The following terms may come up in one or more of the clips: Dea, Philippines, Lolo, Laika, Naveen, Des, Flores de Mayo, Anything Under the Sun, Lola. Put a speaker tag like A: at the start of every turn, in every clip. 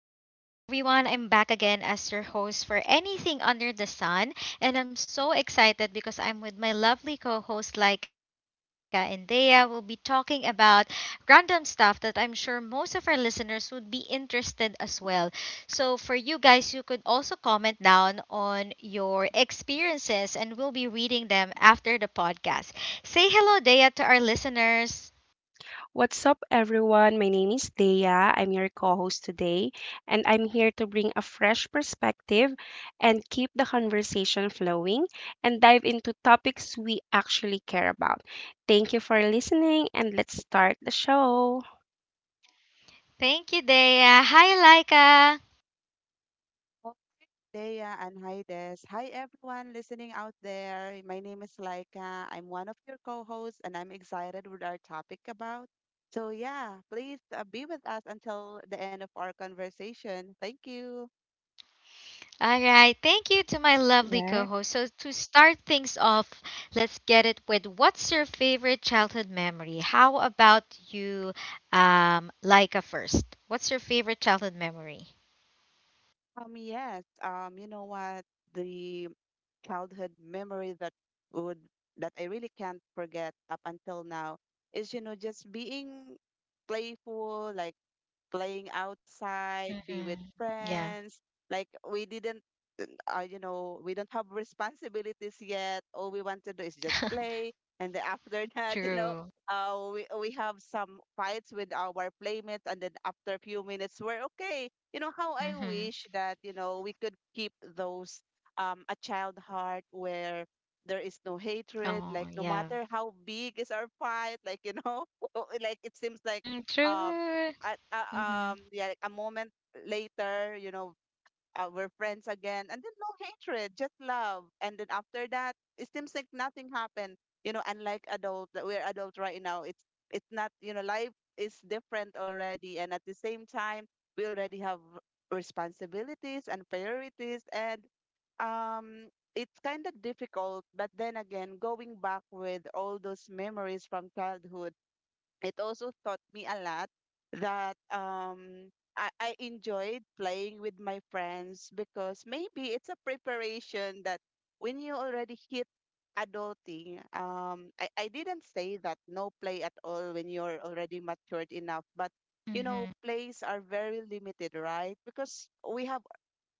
A: Hello, good afternoon, everyone. I'm back again as your host for Anything Under the Sun, and I'm so excited because I'm with my lovely co host Laika and Dea. We'll be talking about random stuff that I'm sure most of our listeners would be interested as well. So, for you guys, you could also comment down on your experiences, and we'll be reading them after the podcast. Say hello, Dea, to our listeners.
B: What's up, everyone? My name is Dea. I'm your co host today, and I'm here to bring a fresh perspective and keep the conversation flowing and dive into topics we actually care about. Thank you for listening, and let's start the show.
A: Thank you, Dea. Hi, Laika.
C: Well, Dea, and hi Des. Hi everyone listening out there. My name is Laika. I'm one of your co-hosts and I'm excited with our topic about. So yeah, please be with us until the end of our conversation. Thank you.
A: All right, thank you to my lovely co
B: Right,
A: host. So, to start things off, let's get it with what's your favorite childhood memory? How about you, Laika, first? What's your favorite childhood memory?
C: Yes, you know what the childhood memory that would that I really can't forget up until now is, you know, just being playful, like playing outside, be with
A: Mm-hmm. Yeah,
C: friends. Like we didn't, you know, We don't have responsibilities yet. All we want to do is just play, and then after that, you
A: true.
C: know, we have some fights with our playmates, and then after a few minutes, we're okay. You know how I
A: Mm-hmm.
C: wish that, you know, we could keep those a child heart where there is no
A: Oh,
C: hatred, like
A: yeah.
C: no matter how big is our fight, like, you know, like it seems
A: Mm-hmm.
C: like um
A: True.
C: at
A: Mm-hmm.
C: yeah, like a moment later, you know, we're friends again, and then no hatred, just love, and then after that it seems like nothing happened. You know, unlike adult, that we're adult right now, it's not, you know, life is different already, and at the same time we already have responsibilities and priorities, and um it's kind of difficult. But then again, going back with all those memories from childhood, it also taught me a lot that I enjoyed
A: Mm-hmm.
C: playing with my friends because maybe it's a preparation that when you already hit adulting, I didn't say that no play at all when you're already matured enough, but
A: Mm-hmm.
C: you know, plays are very limited, right? Because we have,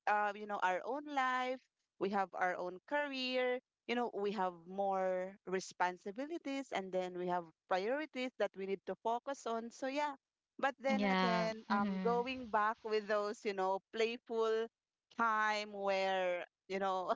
C: you know, our own life, we have our own career, you know, we have more responsibilities, and then we have priorities that we need to focus on. So yeah. But then
A: Yeah.
C: again,
A: Mm-hmm.
C: going back with those, you know, playful time where, you know,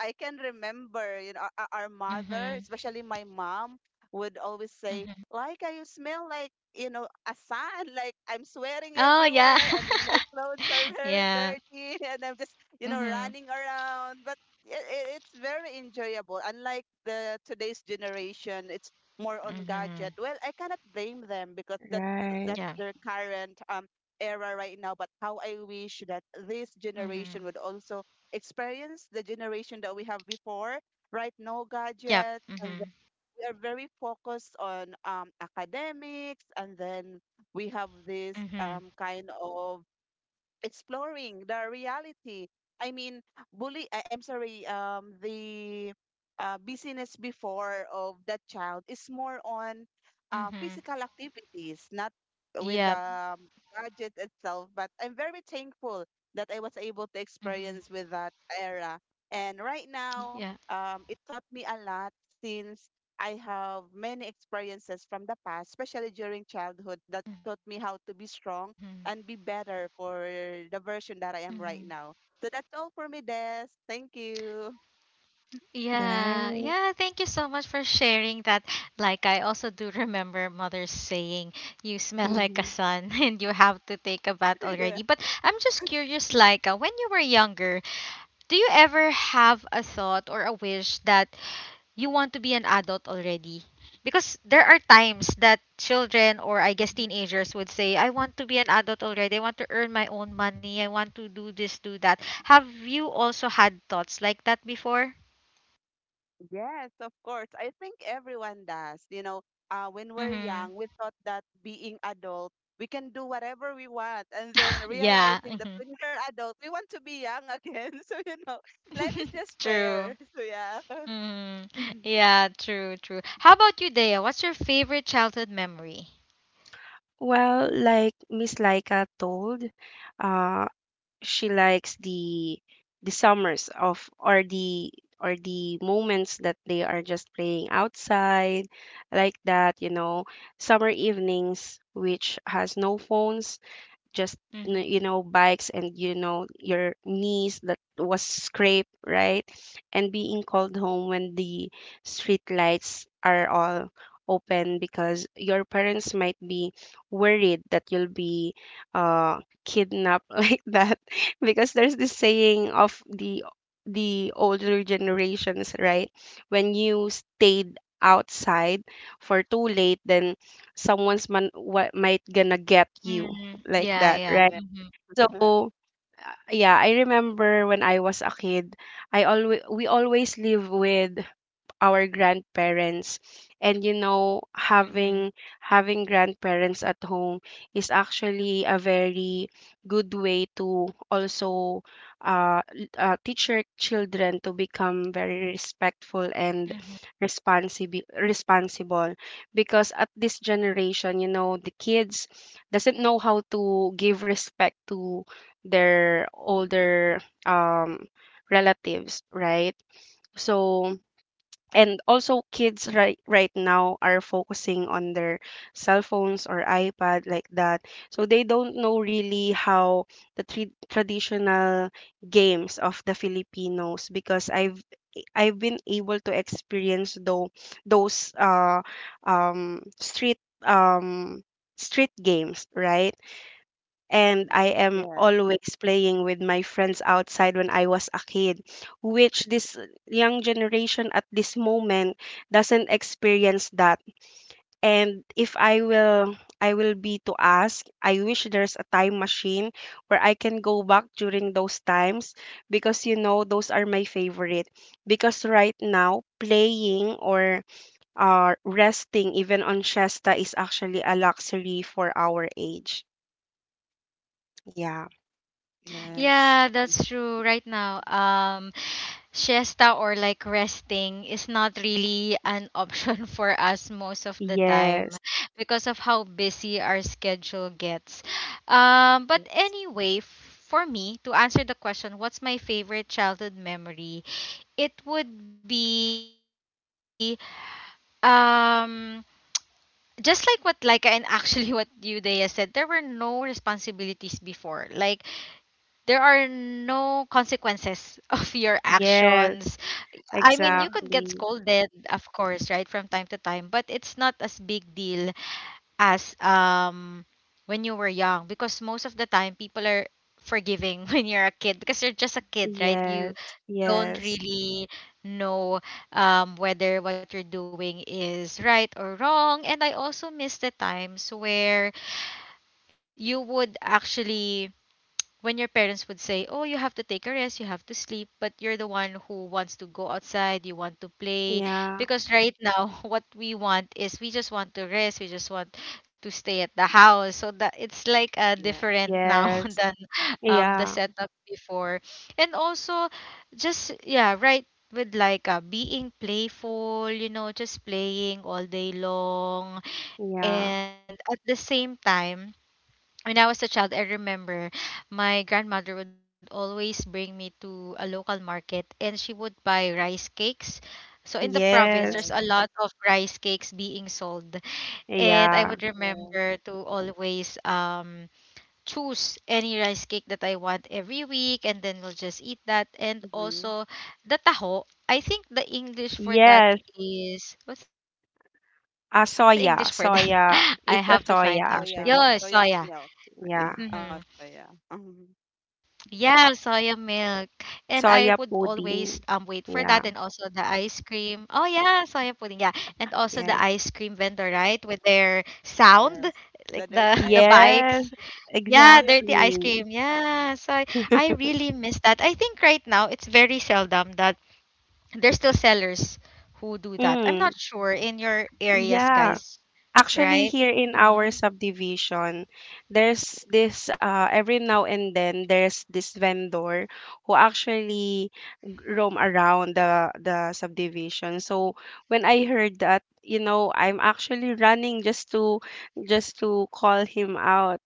C: I can remember, you know, our mother,
A: Mm-hmm.
C: especially my mom, would always say,
A: Mm-hmm.
C: "Like, you smell like, you know, a sun. Like, I'm sweating
A: Oh, yeah.
C: everywhere, and then my clothes are very
A: yeah.
C: dirty, and I'm just, you know,
A: Mm-hmm.
C: running around." But it's very enjoyable. Unlike the today's generation, it's more on
A: Mm-hmm.
C: gadget. Well, I cannot blame them because that
B: right,
C: that's
A: Yeah.
C: their current era right now. But how I wish that this generation
A: Mm-hmm.
C: would also experience the generation that we have before. Right now,
A: Yep.
C: gadgets, and then
A: Mhm.
C: we are very focused on, academics, and then we have this,
A: Mhm.
C: kind of exploring the reality. I mean, bully. I'm sorry. The busyness before of that child is more on
A: Mhm.
C: physical activities, not with the
A: Yep.
C: um, gadget itself. But I'm very thankful that I was able to
A: Mhm.
C: experience with that era. And right now,
A: Yeah.
C: it taught me a lot, since I have many experiences from the past, especially during childhood, that taught
A: Mhm.
C: me how to be strong and be better for
A: Mhm.
C: the version that I am right now. So that's all for me, Des. Thank you.
A: Yeah. Yeah, thank you so much
B: right.
A: for sharing that. Like I also do remember mother saying you smell like a sun and
B: Mhm.
A: you have to take a bath already. But
C: Yeah.
A: I'm just curious like when you were younger, do you ever have a thought or a wish that you want to be an adult already. Because there are times that children or I guess
C: Mhm.
A: teenagers would say, I want to be an adult already. I want to earn my own money. I want to do this, do that. Have you also had thoughts like that before?
C: Yes, of course. I think everyone does. You know, when we're
A: Mm-hmm.
C: young, we thought that being adult, we can do whatever we want. And then
A: Yeah.
C: realizing that
A: Mhm.
C: when we're adult, we want to be young again. So, you know, life is just fair.
A: True.
C: So, yeah.
A: Mhm.
C: Mhm.
A: Yeah, true, true. How about you, Dea? What's your favorite childhood memory?
B: Well, like Miss Laika told, uh, she likes the summers of or the moments that they are just playing outside like that, you know, summer evenings which has no phones, just you
A: Mm-hmm.
B: know, bikes, and you know your knees that was scraped, right? And being called home when the street lights are all open, because your parents might be worried that you'll be kidnapped like that, because there's this saying of the older generations, right? When you stayed outside for too late, then someone's man, what might gonna get you
A: Mm-hmm.
B: like
A: Yeah,
B: that,
A: yeah.
B: right?
C: Yeah.
A: Mm-hmm.
B: So, yeah, I remember when I was a kid, I always we always live with our grandparents, and you know,
A: Mm-hmm.
B: having grandparents at home is actually a very good way to also teach your children to become very respectful and
A: Mm-hmm.
B: responsible, because at this generation you know the kids doesn't know how to give respect to their older um relatives, right? So and also kids right now are focusing on their cell phones or iPad like that, so they don't know really how the three traditional games of the Filipinos, because I've been able to experience though those street um street games, right? And
C: Mm.
B: I am
C: Yes.
B: always playing with my friends outside when I was a kid, which this young generation at this moment doesn't experience that. And if I will be to ask, I wish there's a time machine where I can go back during those times, because you know those are my favorite. Because right now playing or resting even on siesta is actually a luxury for our age. Yeah.
C: Yes.
A: Yeah, that's true. Right now, siesta or like resting is not really an option for us most of the time
B: Yes.
A: because of how busy our schedule gets. But
C: Yes.
A: anyway, f- For me to answer the question, what's my favorite childhood memory? It would be um just like what Laika and actually what you Dea said, there were no responsibilities before. Like there are no consequences of your
B: Yes,
A: actions. I mean, you
C: Yes.
A: could get
B: exactly.
A: scolded, of course, right, from time to time, but it's not as big deal as when you were young, because most of the time people are forgiving when you're a kid because you're just a kid,
B: Ye-
A: right? You don't
B: Yes.
A: really know whether what you're doing is right or wrong. And I also miss the times where you would actually, when your parents would say, "Oh, you have to take a rest, you have to sleep," but you're the one who wants to go outside, you want to play,
B: Yeah.
A: because right now what we want is we just want to rest, we just want to stay at the house. So that it's like
C: Yes.
A: different now
B: Yes.
A: than the
B: Yeah.
A: setup before. And also just yeah, right, with like being playful, you know, just playing all day long,
B: Yeah.
A: and at the same time when I was a child, I remember my grandmother would always bring me to a local market and she would buy rice cakes. So in the province, there's a
B: Yes.
C: Yes.
A: lot of rice cakes being sold. And I would
B: Yeah.
C: Yeah.
A: remember to always choose any rice cake that I want every week and then we'll just eat that. And
C: Mhm.
A: also the taho, I think the English for that
B: Yes.
A: is, what's the English for that?
B: A
A: I have to
B: soya.
A: find out.
B: Soya.
A: Yo,
B: It's a
A: soya.
C: That's
B: soya
C: soya,
B: actually.
C: soya
A: Mm-hmm.
C: milk. Yeah.
B: Yeah.
C: Oh,
A: Yeah,
C: soya.
A: soya milk.
C: Mhm.
A: And I would always wait for that
B: Soya
A: and also the
B: pudding.
A: ice cream.
B: Yeah.
A: Oh yeah, soya pudding. Yeah. And also the ice cream vendor,
B: Yes.
A: right? With their sound, like
C: Yes.
A: the the
C: The dirty ice
A: bikes.
C: cream.
B: Yes.
A: Yeah, dirty ice
C: Yeah.
A: cream.
B: Exactly.
A: Yeah. So I really miss that. I think right now it's very seldom that there's still sellers who do that. I'm
B: Mm.
A: not sure in your areas,
B: Yeah.
A: guys,
B: Actually,
A: right?
B: here in our
A: Mm-hmm.
B: subdivision, there's this every now and then there's this vendor who actually roam around the subdivision. So when I heard that, you know, I'm actually running just to call him out,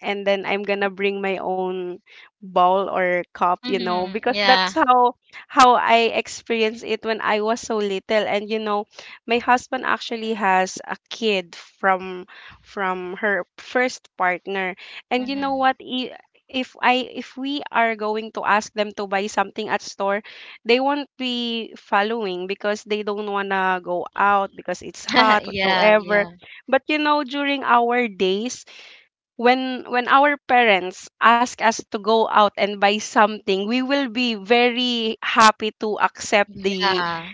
B: and then I'm gonna bring my own bowl or cup, you know,
A: Mm-hmm.
B: because that's
A: Yeah.
B: how I experienced it when I was so little. And you know, my husband actually has a kid from her first partner. And you know
A: Mm-hmm.
B: what? If I, if we are going to ask them to buy something at store, they won't be following because they don't wanna go out because it's hot
A: Yeah, yeah.
B: whatsoever. But you know, during our days when our parents ask us to go out and buy something, we will be very happy to accept the
A: Yeah,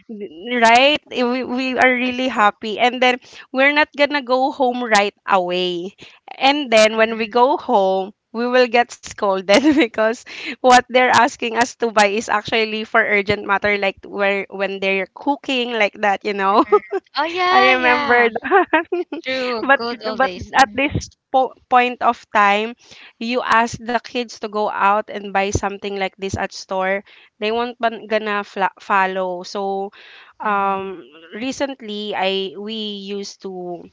B: right, we are
A: that's
B: really
A: true.
B: happy, and then we're not gonna go home right away, and then when we
A: Mhm,
B: go home we will get scolded because what they're asking us to buy is actually for urgent matter like where when they're cooking like that, you know.
A: mhm. Oh yeah,
B: I
A: yeah.
B: remember that.
A: True.
B: but
A: Good old
B: but
A: days.
B: at
A: Mm-hmm.
B: this point of time, you ask the kids to go out and buy something like this at store, they won't follow. So,
A: Mm-hmm.
B: um, recently I we used to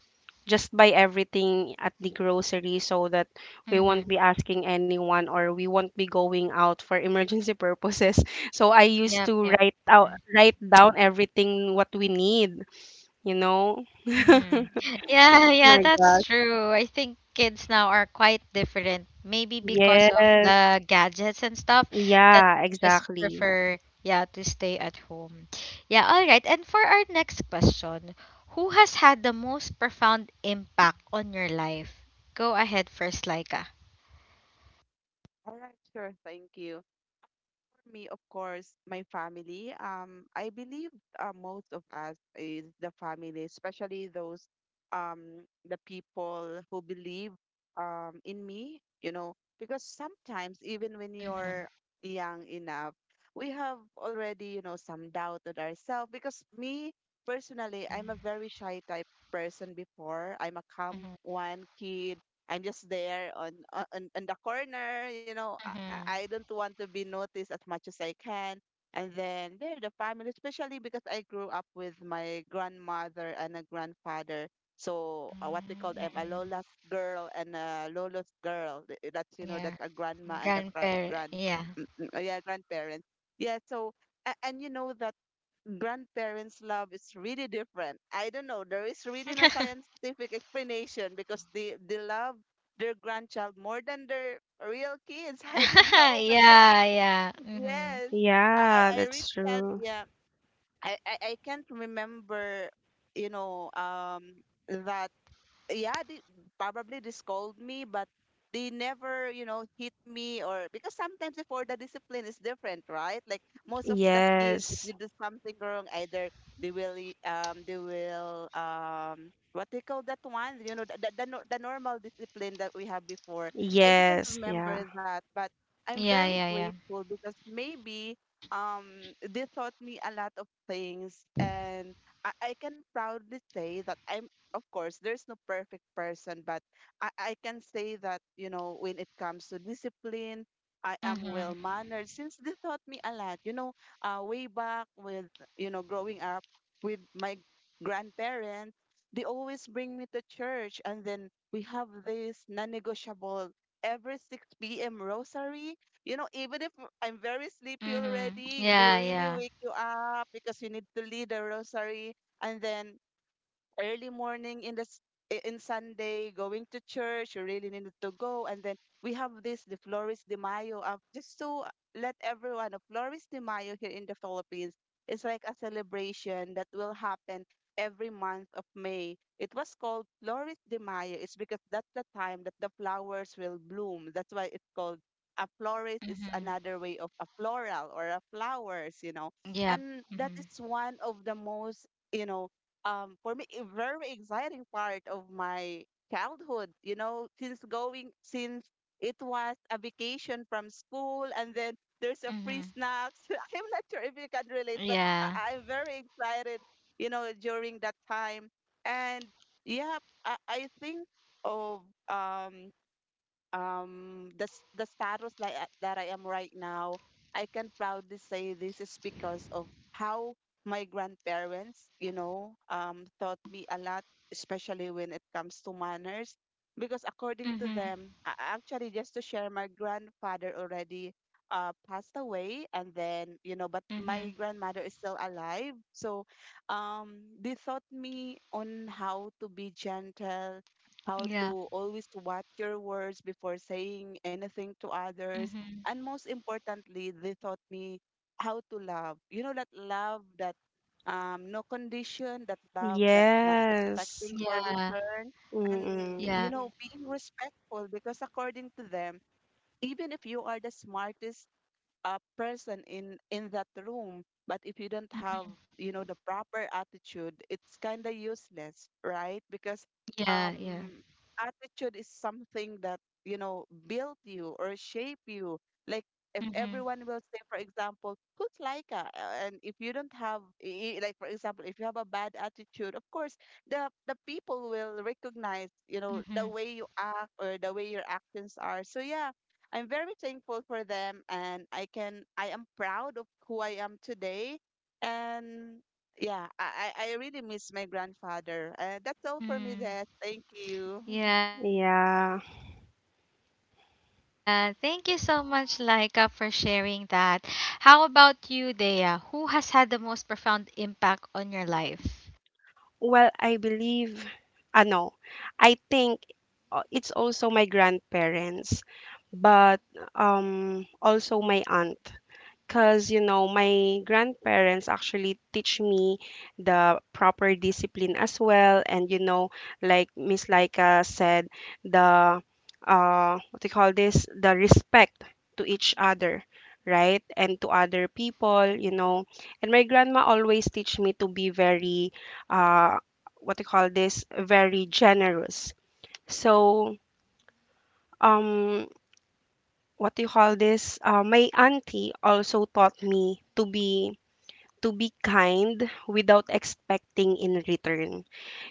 B: just buy everything at the grocery, so that we won't
A: Mm-hmm.
B: be asking anyone or we won't be going out for emergency purposes. So I used
A: Yep,
B: to
A: yep. Mm-hmm.
B: write down everything what we need, you know?
A: Mm-hmm. Yeah, yeah,
B: My
A: that's
B: gosh.
A: true. I think kids now are quite different, maybe because of
B: Yes.
A: the gadgets and stuff that
B: Yeah,
A: they just
B: exactly.
A: prefer, yeah, to stay at home. Yeah, all right. And for our next question, who has had the most profound impact on your life? Go ahead first, Laika.
C: All right, sure. Thank you. For me, of course, my family. I believe most of us is the family, especially those, the people who believe in me, you know, because sometimes even when
A: Mm-hmm.
C: you're young enough, we have already, you know, some doubt on ourselves, because me personally, I'm a very shy type person before. I'm a calm
A: Mm-hmm.
C: one kid. I'm just there on the corner, you know. I
A: Mm-hmm.
C: don't want to be noticed as much as I can. And then there, the family, especially because I grew up with my grandmother and a grandfather. So, what we called, I'm a
A: Mm-hmm.
C: Lola's girl and a Lolo's girl. That's you know, that's
A: Yeah.
C: a grandma and a
A: Grandparent. Yeah.
C: grandparents. Yeah, so, and you know that grandparents' love is really different. I don't know. There is really no scientific explanation because they love their grandchild more than their real kids. I don't know. But yeah,
A: yeah, yeah. Mm-hmm.
C: yes. I, I
B: Yeah,
C: I really
B: that's
C: can't
B: true.
C: yeah. I can't remember, you know, that yeah, they probably they scold me, but they never, you know, hit me, or because sometimes before the discipline is different, right? Like most of the kids, if
B: Yes.
C: you do something wrong, either they will, they will, what they call that one, you know, the, nor- the normal discipline that we have before. I didn't
B: Yes. Yeah.
C: remember that, but I'm
A: Yeah,
C: very
A: yeah, yeah.
C: grateful because maybe they taught me a lot of things, and I can proudly say that I'm of course, there's no perfect person, but I, I can say that, you know, when it comes to discipline, I am well
A: Mm-hmm.
C: mannered since they taught me a lot. You know, way back with, you know, growing up with my grandparents, they always bring me to church. And then we have this non negotiable every 6 p.m. rosary. You know, even if I'm very sleepy
A: Mm-hmm.
C: already, they
A: Yeah,
C: really wake
A: yeah.
C: you up because you need to lead the rosary. And then early morning in the in Sunday, going to church, you really needed to go. And then we have this, the Flores de Mayo, just to let everyone know, Flores de Mayo here in the Philippines is like a celebration that will happen every month of May. It was called Flores de Mayo. It's because that's the time that the flowers will bloom. That's why it's called a florist, is
A: Mm-hmm.
C: another way of a floral or a flowers, you know.
A: Yeah.
C: And that is
A: Mm-hmm.
C: one of the most, you know, for me, a very exciting part of my childhood, you know, since it was a vacation from school, and then there's a free
A: Mm-hmm.
C: snacks. I'm not sure if you can relate, but I-
A: Yeah.
C: i'm very excited, you know, during that time. And yeah, I think of um the the status that I am right now. I can proudly say this is because of how my grandparents, you know, taught me a lot, especially when it comes to manners. Because according to them,
A: Mm-hmm.
C: actually, just to share, my grandfather already passed away, and then, you know, but my
A: Mm-hmm.
C: grandmother is still alive. So, they taught me on how to be gentle, how to
A: Yeah.
C: always watch your words before saying anything to others.
A: Mm-hmm.
C: And most importantly, they taught me how to love. You know, that love that no condition, that love that not
B: Yes.
C: expecting for
A: Yeah.
C: return. And,
B: Mm-mm.
C: you
A: Yeah.
C: know, being respectful because according to them, even if you are the smartest person in that room, but if you don't have, you know, the proper attitude, it's kind of useless, right? Because
A: Yeah.
C: um
A: Yeah.
C: attitude is something that, you know, built you or shape you. Like, if
A: Mm-hmm.
C: everyone will say, for example, who's Laika. And if you don't have like, for example, if you have a bad attitude, of course, the people will recognize, you know, the way
A: Mm-hmm.
C: you act or the way your actions are. So yeah, I'm very thankful for them, and I am proud of who I am today. And yeah, I really miss my grandfather. That's all for me there.
A: Mm.
C: Thank you.
A: Yeah. Thank
B: Yeah.
A: you so much, Laika, for sharing that. How about you, Dea? Who has had the most profound impact on your life?
B: Well, I believe, I know. I think it's also my grandparents, but also my aunt. Because you know my grandparents actually teach me the proper discipline as well, and you know, like Miss Laika said, the what do you call this the respect to each other, right? And to other people, you know. And my grandma always teach me to be very uh what do you call this very generous. So um what do you call this my auntie also taught me to be kind without expecting in return.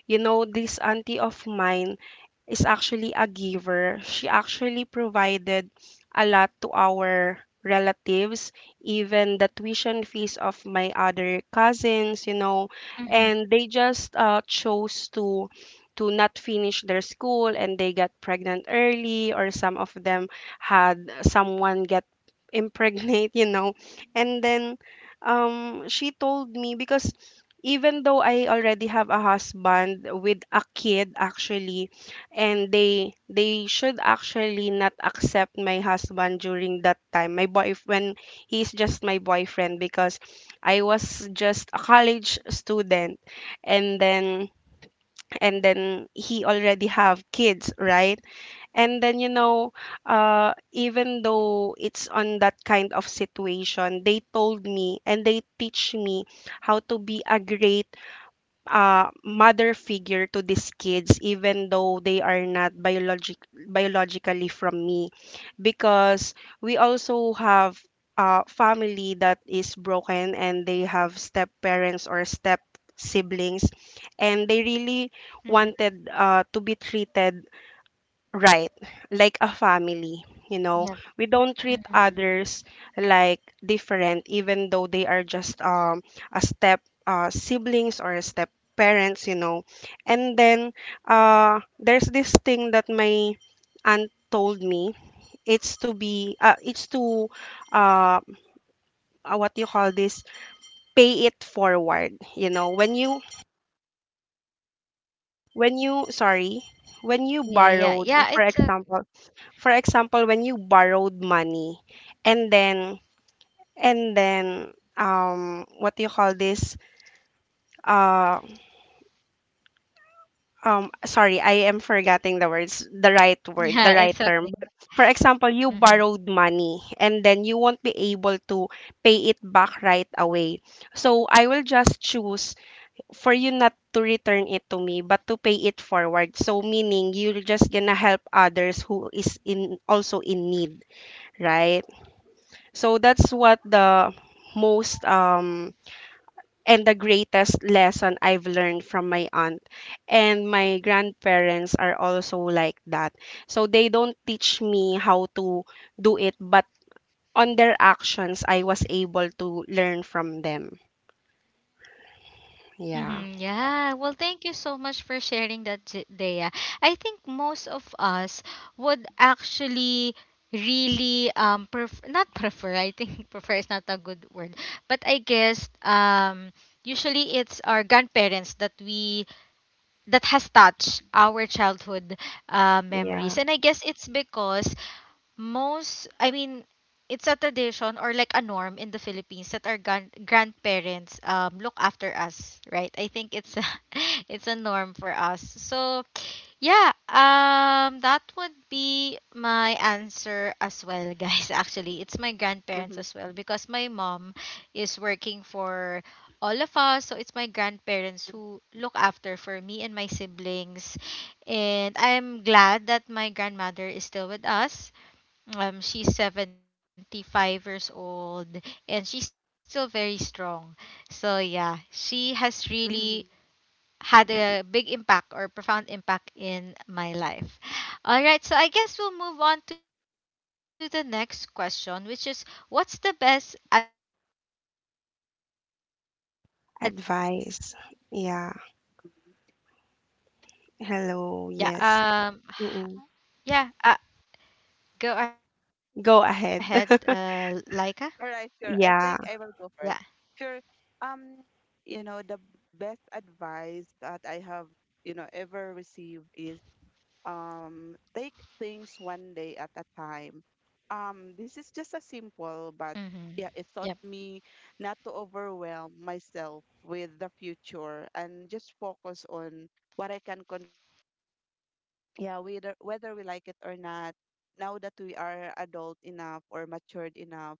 B: You know, this auntie of mine is actually a giver. She actually provided a lot to our relatives, even the tuition fees of my other cousins, you know,
A: Mm-hmm.
B: and they just chose to not finish their school, and they got pregnant early, or some of them had someone get impregnate, you know. And then she told me, because even though I already have a husband with a kid actually, and they should actually not accept my husband during that time, my boy when he's just my boyfriend, because I was just a college student, and then and then he already have kids, right? And then you know,
A: Mm-hmm.
B: even though it's on that kind of situation, they told me and they teach me how to be a great mother figure to these kids, even though they are not biologically from me, because we also have a family that is broken, and they have step parents or step siblings, and they really
A: Mm-hmm.
B: wanted to be treated, right, like a family. You
A: Yep.
B: know, we don't
A: Mm-hmm.
B: treat others like different, even though they are just a step siblings or a step parents, you know. And then there's this thing that my aunt told me. It's to uh, what you call this pay it forward. You know, when you sorry when you
A: Yeah, yeah.
B: borrowed
A: Yeah, it's okay.
B: for example when you borrowed money, and then and then what do you call this uh sorry, I am forgetting the words, the right word, the
A: Yeah,
B: right
A: it's
B: term,
A: okay.
B: but for example you
A: Mm-hmm.
B: borrowed money, and then you won't be able to pay it back right away, so I will just choose for you not to return it to me, but to pay it forward, so meaning you're just gonna help others who is in also in need, right? So that's what the most and the greatest lesson I've learned from my aunt, and my grandparents are also like that, so they don't teach me how to do it, but on their actions I was able to learn from them. Yeah.
A: Mm-hmm. Yeah. Well, thank you so much for sharing that, Dea. I think most of us would actually really not prefer. I think prefer is not a good word, but I guess usually it's our grandparents that has touched our childhood
B: Yeah.
A: memories, and I guess it's because most, I mean, it's a tradition or like a norm in the Philippines that our grandparents look after us, right? I think it's a, it's a norm for us. So, yeah, that would be my answer as well, guys. Actually, it's my grandparents as well because my mom is working for all of us. So, it's my grandparents who look after for me and my siblings. And I'm glad that my grandmother is still with us, she's 75 years old and she's still very strong. So, yeah, she has really had a big impact or profound impact in my life. All right, so I guess we'll move on to the next question, which is what's the best advice you've ever received? Go ahead, Laika.
B: Advice. Yeah. Hello,
A: Yeah,
B: yes.
A: um,
B: Mm-mm.
A: yeah, uh, Go ahead,
B: Go ahead.
A: Laika.
C: All right,
A: Yeah.
C: sure. I
B: Yeah.
C: think I will go first. Sure. Um, you know, the best advice that I have, you know, ever received is, take things one day at a time. This is just a
A: Mm-hmm.
C: simple, but
A: Yep.
C: yeah, it taught me not to overwhelm myself with the future and just focus on what I can control. Because yeah, whether we like it or not, now that we are adult enough or matured enough,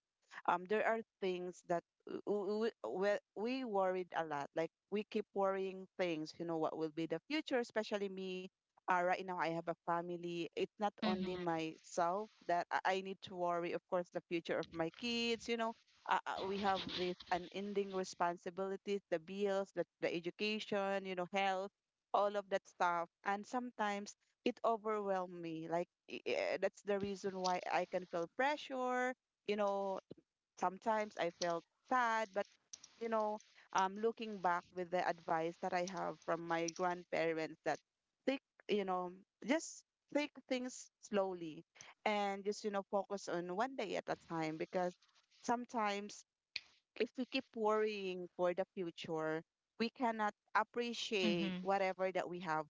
C: there are things that we, we, we worried a lot. Like, we keep worrying things, you know, what will be the future, especially me. Right now, I have a family. It's
A: Mm-hmm.
C: not only myself that I need to worry. Of course, the future of my kids, you know. We have this unending responsibilities, the bills, the education, you know, health, all of that stuff. And sometimes it overwhelmed me. Like, that's the reason why I can feel pressure. You know, sometimes I felt sad, but you know, looking back with the advice that I have from my grandparents that take, you know, just take things slowly and just, focus on one day at a time, because sometimes if we keep worrying for the future, we cannot appreciate
A: Mm-hmm.
C: whatever that we have,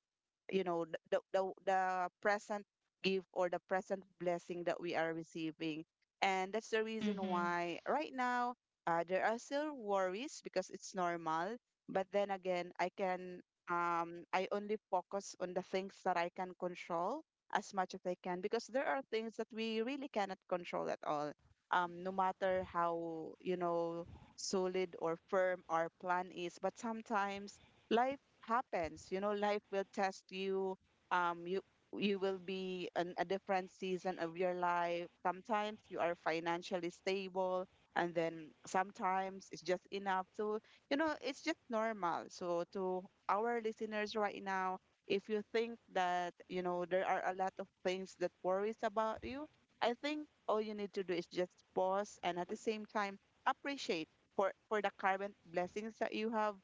C: you know, the present gift or the present blessing that we are receiving. And that's the reason
A: Mm-hmm.
C: why right now there are still worries because it's normal. But then again, I only focus on the things that I can control as much as I can, because there are things that we really cannot control at all, no matter how, you know, solid or firm our plan is. But sometimes life happens. You know, life will test you. You you will be in a different season of your life. Sometimes you are financially stable, and then sometimes it's just enough. So, you know, it's just normal. So, to our listeners right now, if you think that, you know, there are a lot of things that worries about you, I think all you need to do is just pause and at the same time appreciate for the current blessings that you have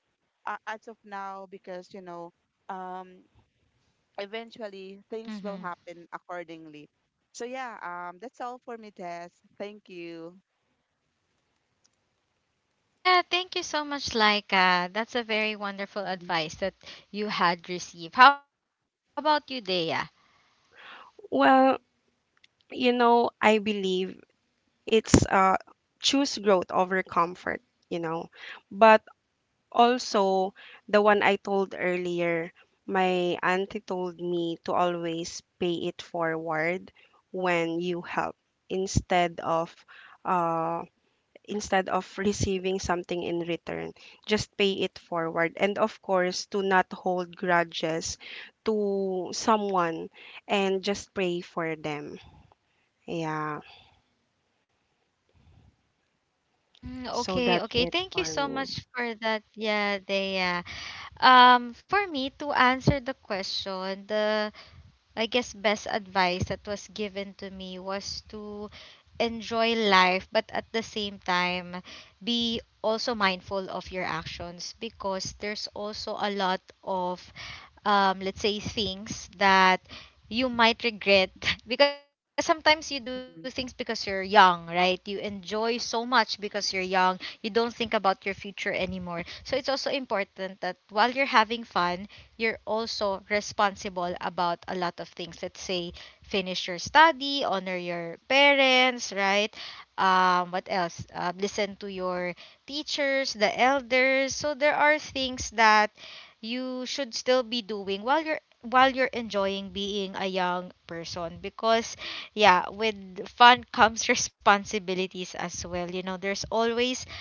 C: as of now, because, you know um eventually things will
A: Hmm.
C: happen accordingly. So yeah, that's all for me, Des. Thank you.
A: Yeah, thank you so much, Laika. That's a very wonderful
C: Mhm,
A: advice that you had received. How about you, Dea?
B: Well, you know, I believe it's choose growth over comfort, you know. But also the one I told earlier, my auntie told me to always pay it forward when you help, instead of uh instead of receiving something in return. Just pay it forward. And of course, to not hold grudges to someone, and just pray for them. Yeah.
A: Mm,
B: So
A: okay,
B: that's
A: okay.
B: it
A: Thank you
B: for
A: so
B: me.
A: much for that. Yeah, Dea. For me to answer the question, the I guess best advice that was given to me was to enjoy life, but at the same time, be also mindful of your actions because there's also a lot of let's say things that you might regret, because sometimes you do things
C: mhm,
A: because you're young, right? You enjoy so much because you're young, you don't think about your future anymore. So it's also important that while you're having fun, you're also responsible about a lot of things. Let's say, finish your study, honor your parents, right? What else Listen to your teachers, the elders. So there are things that you should still be doing while you're enjoying being a young person, because yeah, with fun comes responsibilities as well. You know, there's always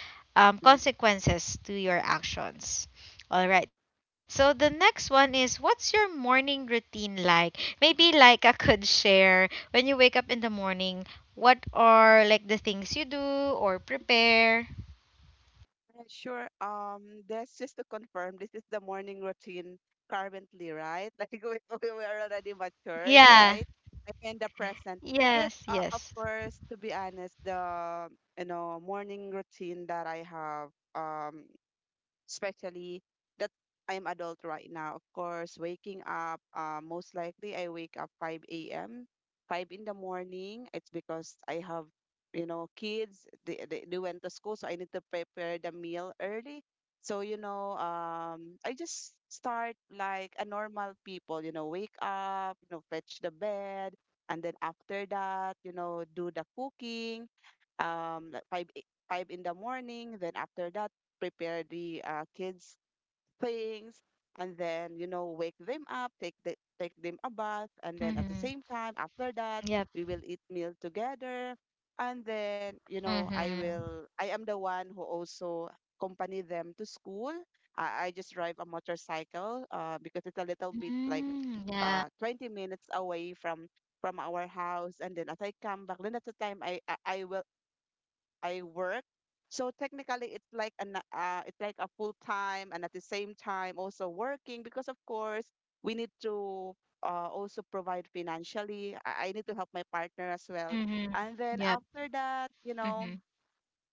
C: mhm.
A: consequences to your actions. All right, so the next one is what's your morning routine like? Maybe like I could share when you wake up in the morning, what are like the things you do or prepare?
C: Sure, that's just to confirm, this is the morning routine currently, right? Like we were already matured,
A: Yeah,
C: right? Like in the present. Yes,
A: yes,
C: of
A: yes.
C: course, to be honest, the morning routine that I have, especially that I'm adult right now. Of course, waking up, most likely I wake up 5 a.m., 5 in the morning. It's because I have, you know, kids. They went to school, so I need to prepare the meal early. So, you know, I just start like a normal people, you know, wake up, you know, fetch the bed. And then after that, you know, do the cooking, like 5, 5 in the morning. Then after that, prepare the kids things, and then, you know, wake them up, take them a bath, and then at the same
A: Mm-hmm.
C: time after that we
A: Yep.
C: will eat meal together. And then, you know, i will
A: Mm-hmm.
C: i am the one who also accompany them to school. I just drive a motorcycle, because it's a little bit like
A: Mm, yeah.
C: 20 minutes away from our house. And then as I come back, then at the time I work. So technically, it's like an it's like a full time, and at the same time also working, because of course we need to also provide financially. I need to help my partner as
A: Mm-hmm.
C: well. And
A: Yep.
C: then after that, you
A: Mm-hmm.
C: know,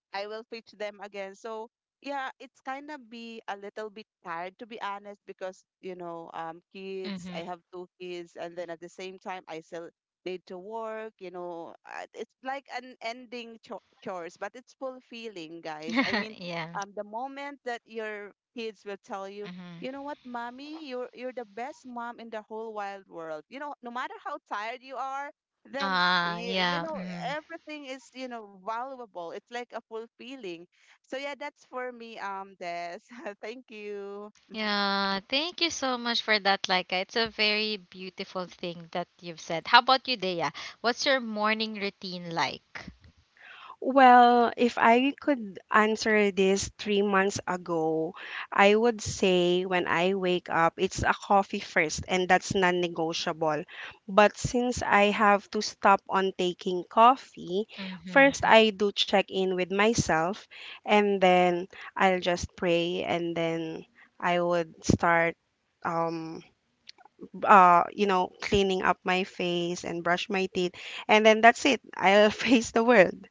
C: I will pitch them again. So yeah, it's kind of be a little bit tired, to be honest, because, you know, kids. I
A: Mm-hmm.
C: have 2 kids, and then at the same time I still need to work. You know. It's like an
A: Mm-hmm.
C: ending chores, but it's fulfilling, guys. I mean,
A: Yeah.
C: the moment that your kids will tell you.
A: Mm-hmm.
C: You know what, mommy? You're the best mom in the whole wide world. You know, no matter how tired you are, then
A: Ah.
C: you,
A: Yeah.
C: you know,
A: Mm-hmm.
C: everything is, you know, valuable. It's like a fulfilling. So yeah, that's for me, Des. Thank you. Mhm.
A: Yeah. Thank you so much for that, Laika. It's a very beautiful thing that you've said. How about you, Dea? What's your morning routine like?
B: Well, if I could answer this 3 months ago, I would say when I wake up, it's a coffee first, and that's non negotiable. But since I have to stop on taking coffee, first
A: Mm-hmm.
B: I do check in with myself, and then I'll just pray, and then I would start. Um, Cleaning up my face and brush my teeth, and then that's it. I'll face the world.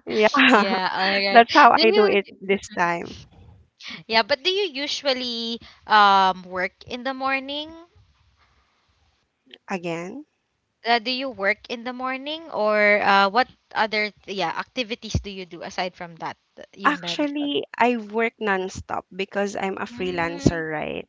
B: Yeah.
A: Yeah, all right.
B: That's how
A: Do
B: I do
A: you,
B: it this time.
A: yeah, but do you usually work in the morning?
B: Again,
A: Do you work in the morning or what other th- yeah activities do you do aside from that that you
B: actually,
A: mentioned?
B: I work nonstop because I'm a freelancer,
A: Mm,
B: right?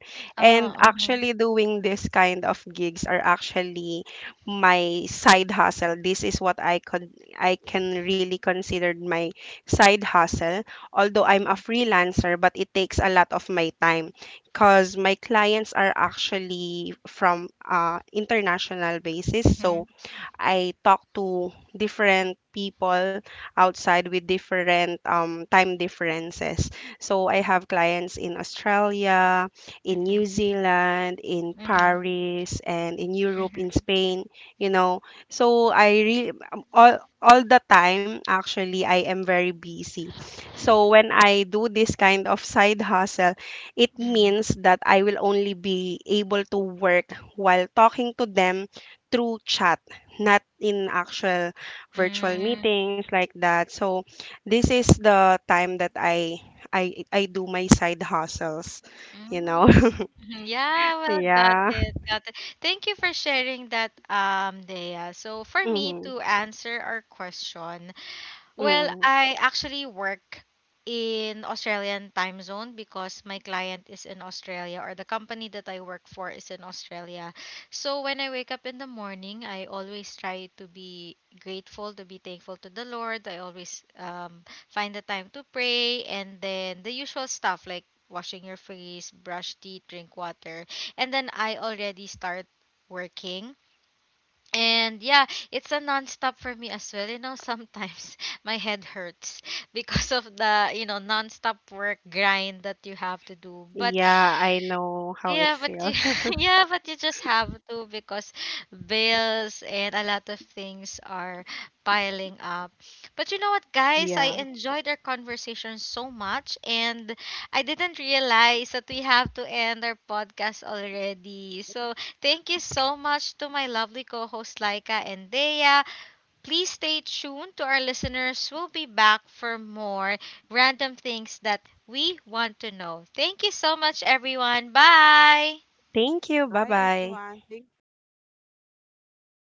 A: uh,
B: And actually,
A: uh-huh.
B: doing this kind of gigs are actually my side hustle. This is what I can really consider my side hustle. Although I'm a
A: Mhm,
B: freelancer, but it takes a lot of my time because my clients are actually from international basis. So
A: mhm,
B: I talk to different people outside with different time differences. So I have clients in Australia, in New
A: mhm,
B: Zealand, in
A: mhm,
B: Paris, and in Europe, in
A: mhm,
B: Spain, you know. So I really, all the time, actually, I am very busy. So when I do this kind of side hustle, it
A: mhm.
B: means that I will only be able to work while talking to them through chat, not in actual virtual
A: Mm,
B: meetings like that. So this is the time that I do my side hustles, you know.
A: mhm, mhm. Yeah, well, got
B: Yeah.
A: it, got it. Thank you for sharing that, Dea. So for me
B: Hmm.
A: to answer our question, well,
B: Hmm.
A: I actually work in Australian time zone because my client is in Australia, or the company that I work for is in Australia. So when I wake up in the morning, I always try to be grateful, to be thankful to the Lord. I always find the time to pray, and then the usual stuff like washing your face, brush teeth, drink water. And then I already start working, and yeah, it's a nonstop for me as well. You know, sometimes my head hurts because of the, you know, nonstop work grind that you have to do. But
B: Yeah, I know how it
A: yeah, but you,
B: feels.
A: yeah, but you just have to because bills and a lot of things are piling up. But you know what, guys? I
B: Yeah.
A: enjoyed our conversation so much, and I didn't realize that we have to end our podcast already. So thank you so much to my lovely co hosts Laika and Dea. Please stay tuned to our listeners. We'll be back for more random things that we want to know. Thank you so much, everyone. Bye.
B: Thank you.
C: Bye
B: Bye-bye.
C: everyone, thank you.